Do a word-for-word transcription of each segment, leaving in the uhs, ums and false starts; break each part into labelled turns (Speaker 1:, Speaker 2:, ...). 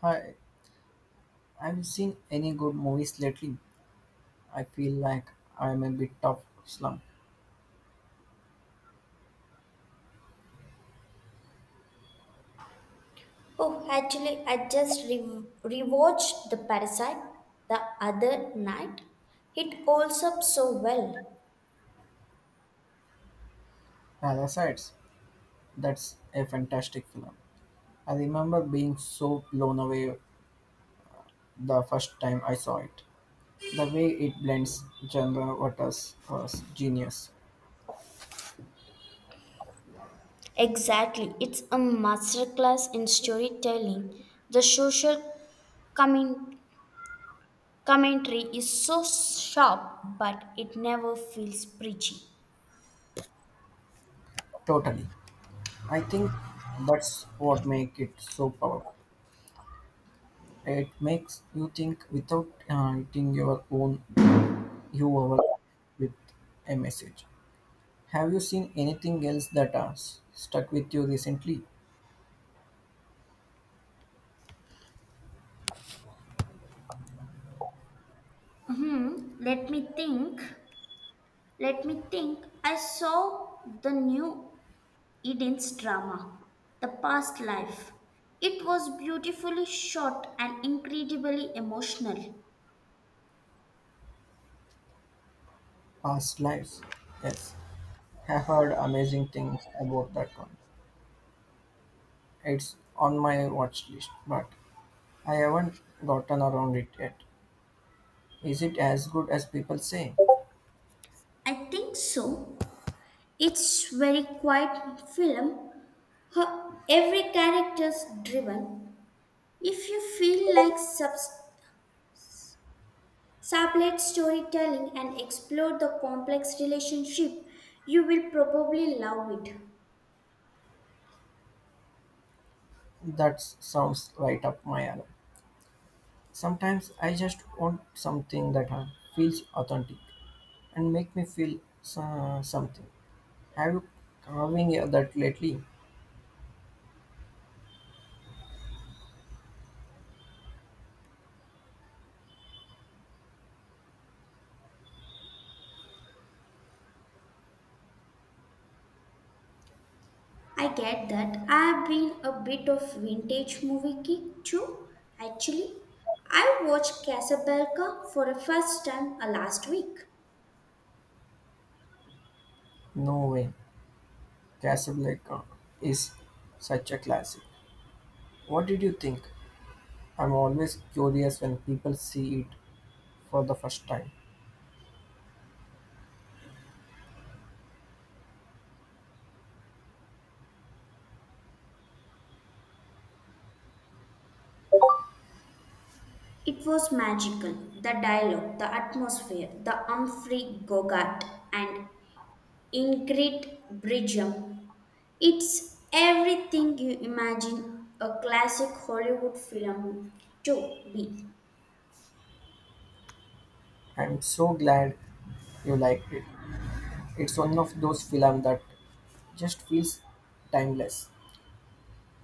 Speaker 1: Hi, have you seen any good movies lately? I feel like I'm a bit of slump.
Speaker 2: Oh, actually, I just re- rewatched The Parasite the other night. It holds up so well.
Speaker 1: Parasites, that's a fantastic film. I remember being so blown away the first time I saw it. The way it blends genre waters was genius.
Speaker 2: Exactly. It's a masterclass in storytelling. The social comment- commentary is so sharp, but it never feels preachy.
Speaker 1: Totally. I think that's what makes it so powerful. It makes you think without uh, hitting your own you over with a message. Have you seen anything else that has stuck with you recently?
Speaker 2: Hmm, let me think. Let me think. I saw the new Eden's drama, The Past Life. It was beautifully shot and incredibly emotional.
Speaker 1: Past lives. Yes, have heard amazing things about that one. It's on my watch list, but I haven't gotten around it yet. Is it as good as people say?
Speaker 2: I think so. It's very quiet film. Her- Every character's driven. If you feel like subs- sublet storytelling and explore the complex relationship, you will probably love it.
Speaker 1: That sounds right up my alley. Sometimes I just want something that uh, feels authentic and make me feel so- something. Have you carving that lately?
Speaker 2: I get that. I've been a bit of vintage movie geek too, actually. I watched Casablanca for the first time uh, last week.
Speaker 1: No way. Casablanca is such a classic. What did you think? I'm always curious when people see it for the first time.
Speaker 2: It was magical. The dialogue, the atmosphere, the Humphrey Bogart and Ingrid Bridgman. It's everything you imagine a classic Hollywood film to be.
Speaker 1: I'm so glad you liked it. It's one of those films that just feels timeless.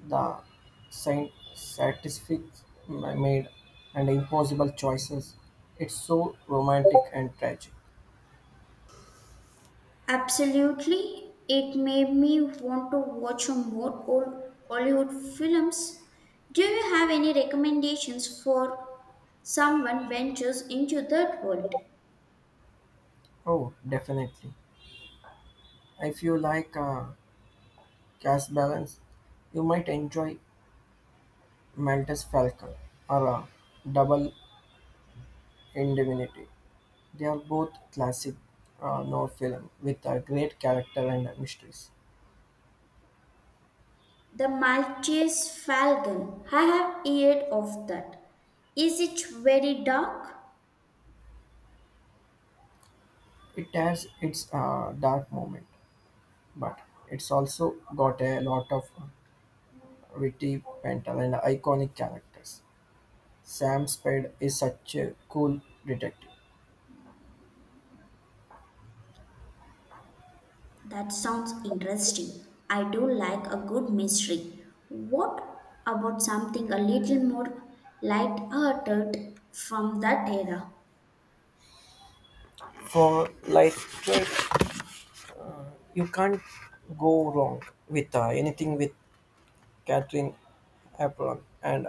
Speaker 1: The saint satisfic made and impossible choices. It's so romantic and tragic.
Speaker 2: Absolutely. It made me want to watch some more old Hollywood films. Do you have any recommendations for someone ventures into that world?
Speaker 1: Oh, definitely. If you like uh, cast balance, you might enjoy Mantis falcon are a double indemnity. They are both classic uh, noir film with a great character and mysteries.
Speaker 2: The Maltese Falcon. I have heard of that. Is it very dark?
Speaker 1: It has its uh, dark moment, but it's also got a lot of witty banter and iconic characters. Sam Spade is such a cool detective.
Speaker 2: That sounds interesting. I do like a good mystery. What about something a little more light-hearted from that era?
Speaker 1: For lightweight, you can't go wrong with uh, anything with Catherine Hepburn and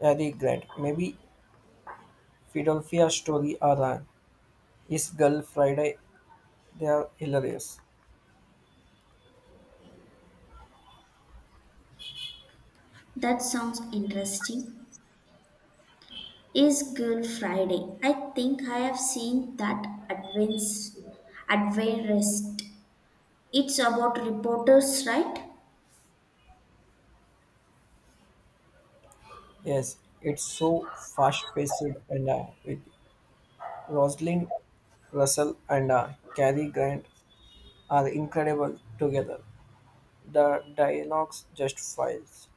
Speaker 1: Harry Grant. Maybe Philadelphia story are uh, is Girl Friday. They are hilarious.
Speaker 2: That sounds interesting. Is Girl Friday? I think I have seen that advance advertised. It's about reporters, right?
Speaker 1: Yes, it's so fast paced and uh, with Rosalind Russell and uh, Cary Grant are incredible together. The dialogues just files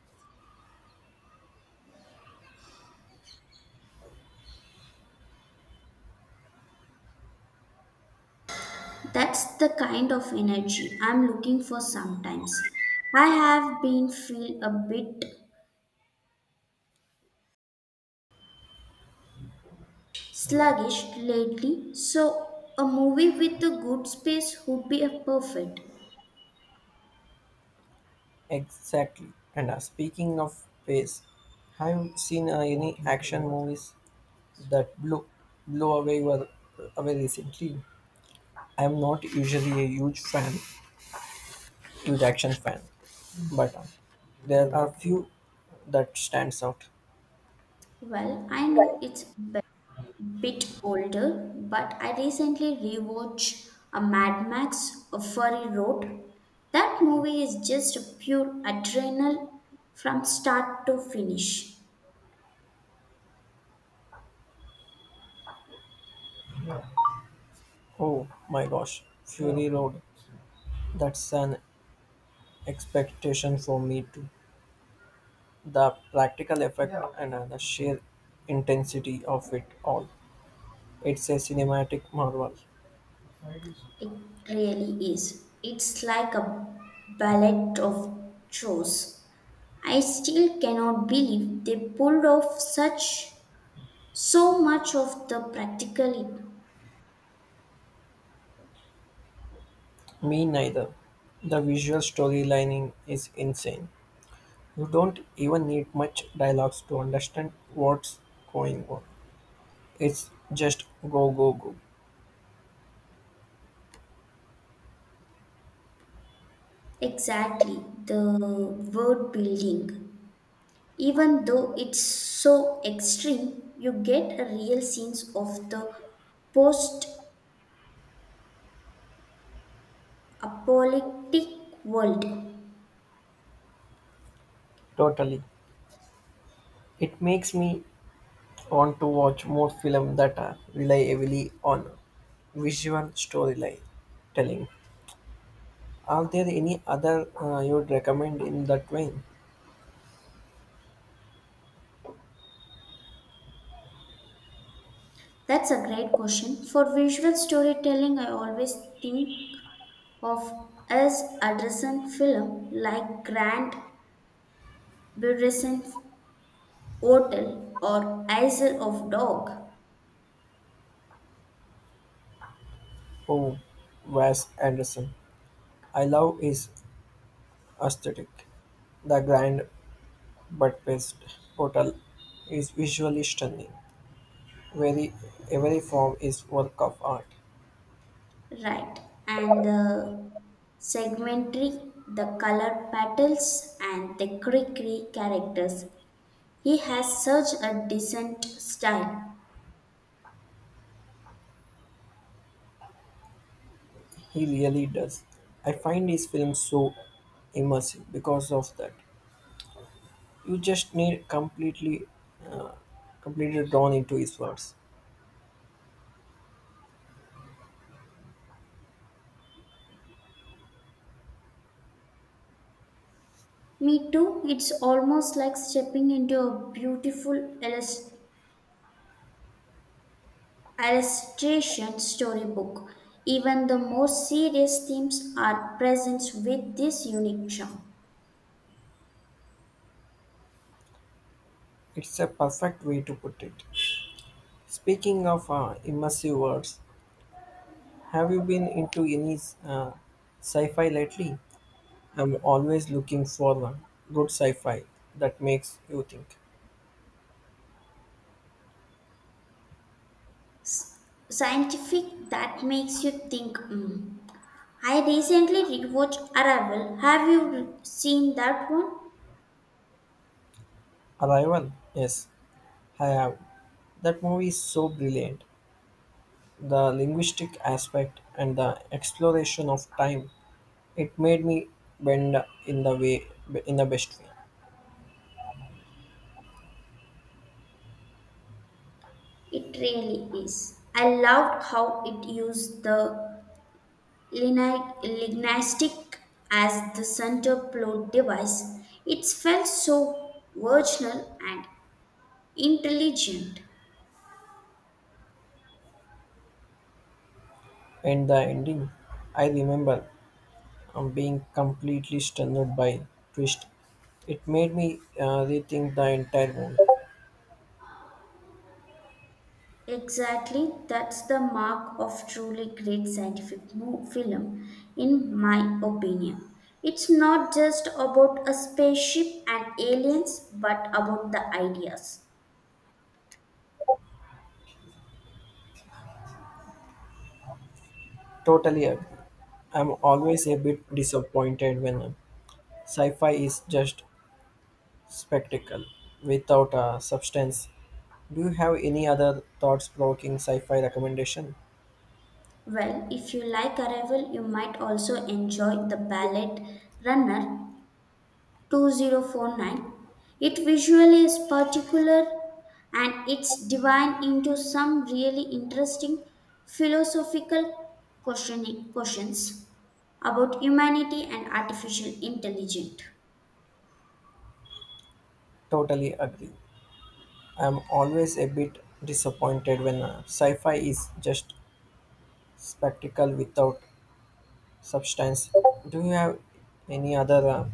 Speaker 2: That's the kind of energy I'm looking for sometimes. I have been feel a bit sluggish lately, so a movie with a good space would be a perfect.
Speaker 1: exactly. And uh, speaking of pace, have you seen uh, any action movies that blew blow away were away recently? I am not usually a huge fan, huge action fan, but uh, there are few that stands out.
Speaker 2: Well, I know it's bit older, but I recently rewatched a Mad Max A Fury Road. That movie is just pure adrenal from start to finish.
Speaker 1: Oh my gosh, Fury Road. That's an expectation for me too. The practical effect and uh, the sheer intensity of it all. It's a cinematic marvel.
Speaker 2: It really is. It's like a ballet of chores. I still cannot believe they pulled off such so much of the practicality.
Speaker 1: Me neither. The visual storylining is insane. You don't even need much dialogues to understand what's going on. It's just go, go, go.
Speaker 2: Exactly, the word building. Even though it's so extreme, you get a real sense of the post apocalyptic world.
Speaker 1: Totally. It makes me want to watch more films that uh, rely heavily on visual storytelling. Are there any other uh, you would recommend in that vein?
Speaker 2: That's a great question. For visual storytelling, I always think of as Anderson film like Grand Budapest Hotel or Isle of Dog.
Speaker 1: Oh, Wes Anderson. I love his aesthetic. The grand but best hotel is visually stunning. Very every form is work of art.
Speaker 2: Right. And the segmentary, the color patterns, and the creaky characters. He has such a decent style.
Speaker 1: He really does. I find his films so immersive because of that. You just need completely, uh, completely drawn into his words.
Speaker 2: Me too, it's almost like stepping into a beautiful illus- illustration storybook. Even the more serious themes are present with this unique charm.
Speaker 1: It's a perfect way to put it. Speaking of uh, immersive words, have you been into any uh, sci-fi lately? I'm always looking for one good sci-fi that makes you think.
Speaker 2: Scientific that makes you think. "Hmm." I recently rewatched Arrival. Have you seen that one?
Speaker 1: Arrival? Yes, I have. That movie is so brilliant. The linguistic aspect and the exploration of time. It made me bend in the way in the best way.
Speaker 2: It really is. I loved how it used the Lini- lignistic as the center plot device, it felt so virginal and intelligent.
Speaker 1: And the ending, I remember um, being completely stunned by twist. It made me uh, rethink the entire movie.
Speaker 2: Exactly, that's the mark of truly great scientific mo- film, in my opinion. It's not just about a spaceship and aliens, but about the ideas.
Speaker 1: Totally agree. I'm always a bit disappointed when sci-fi is just spectacle without a substance. Do you have any other thoughts-provoking sci-fi recommendation?
Speaker 2: Well, if you like Arrival, you might also enjoy The Ballet Runner twenty forty-nine. It visually is particular and it's divine into some really interesting philosophical questioning- questions about humanity and artificial intelligence.
Speaker 1: Totally agree. I'm always a bit disappointed when uh, sci-fi is just spectacle without substance. Do you have any other uh,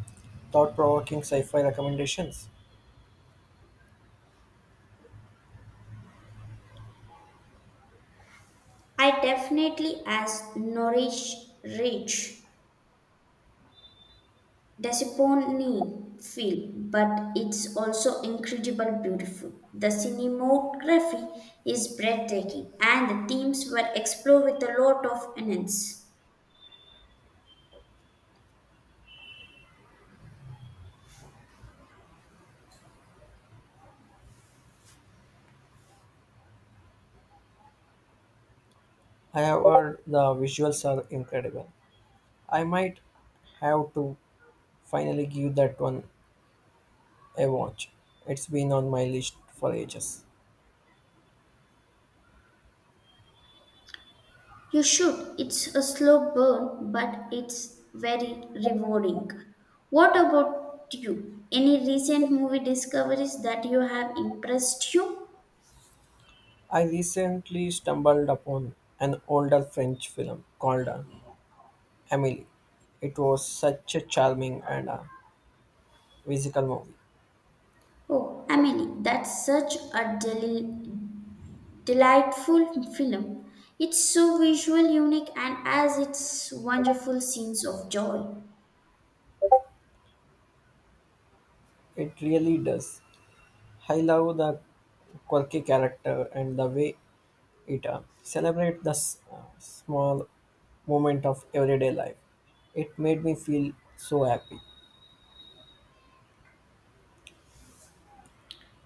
Speaker 1: thought-provoking sci-fi recommendations?
Speaker 2: I definitely as nourish rich disappointing feel, but it's also incredible beautiful. The cinematography is breathtaking and the themes were explored with a lot of innocence.
Speaker 1: I have heard the visuals are incredible. I might have to finally give that one a watch. It's been on my list for ages.
Speaker 2: You should. It's a slow burn, but it's very rewarding. What about you? Any recent movie discoveries that you have impressed you?
Speaker 1: I recently stumbled upon an older French film called uh, Amelie. It was such a charming and uh, whimsical movie.
Speaker 2: Oh, Emily, that's such a deli- delightful film. It's so visual, unique, and has its wonderful scenes of joy.
Speaker 1: It really does. I love the quirky character and the way it uh, celebrates the s- uh, small moment of everyday life. It made me feel so happy.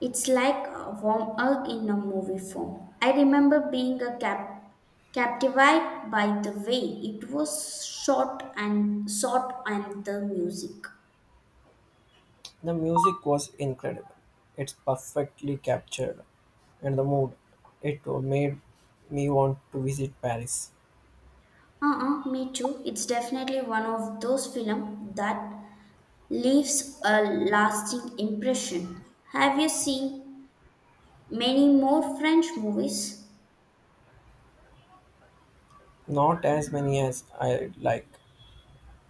Speaker 2: It's like a warm hug in a movie form. I remember being a cap- captivated by the way it was shot and shot and the music.
Speaker 1: The music was incredible. It's perfectly captured and the mood. It made me want to visit Paris.
Speaker 2: Uh-uh, me too. It's definitely one of those films that leaves a lasting impression. Have you seen many more French movies?
Speaker 1: Not as many as I like.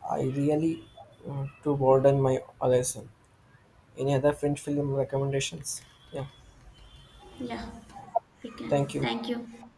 Speaker 1: I really uh, to broaden my horizon. Any other French film recommendations? Yeah,
Speaker 2: Yeah, we
Speaker 1: thank
Speaker 2: can.
Speaker 1: you.
Speaker 2: Thank you.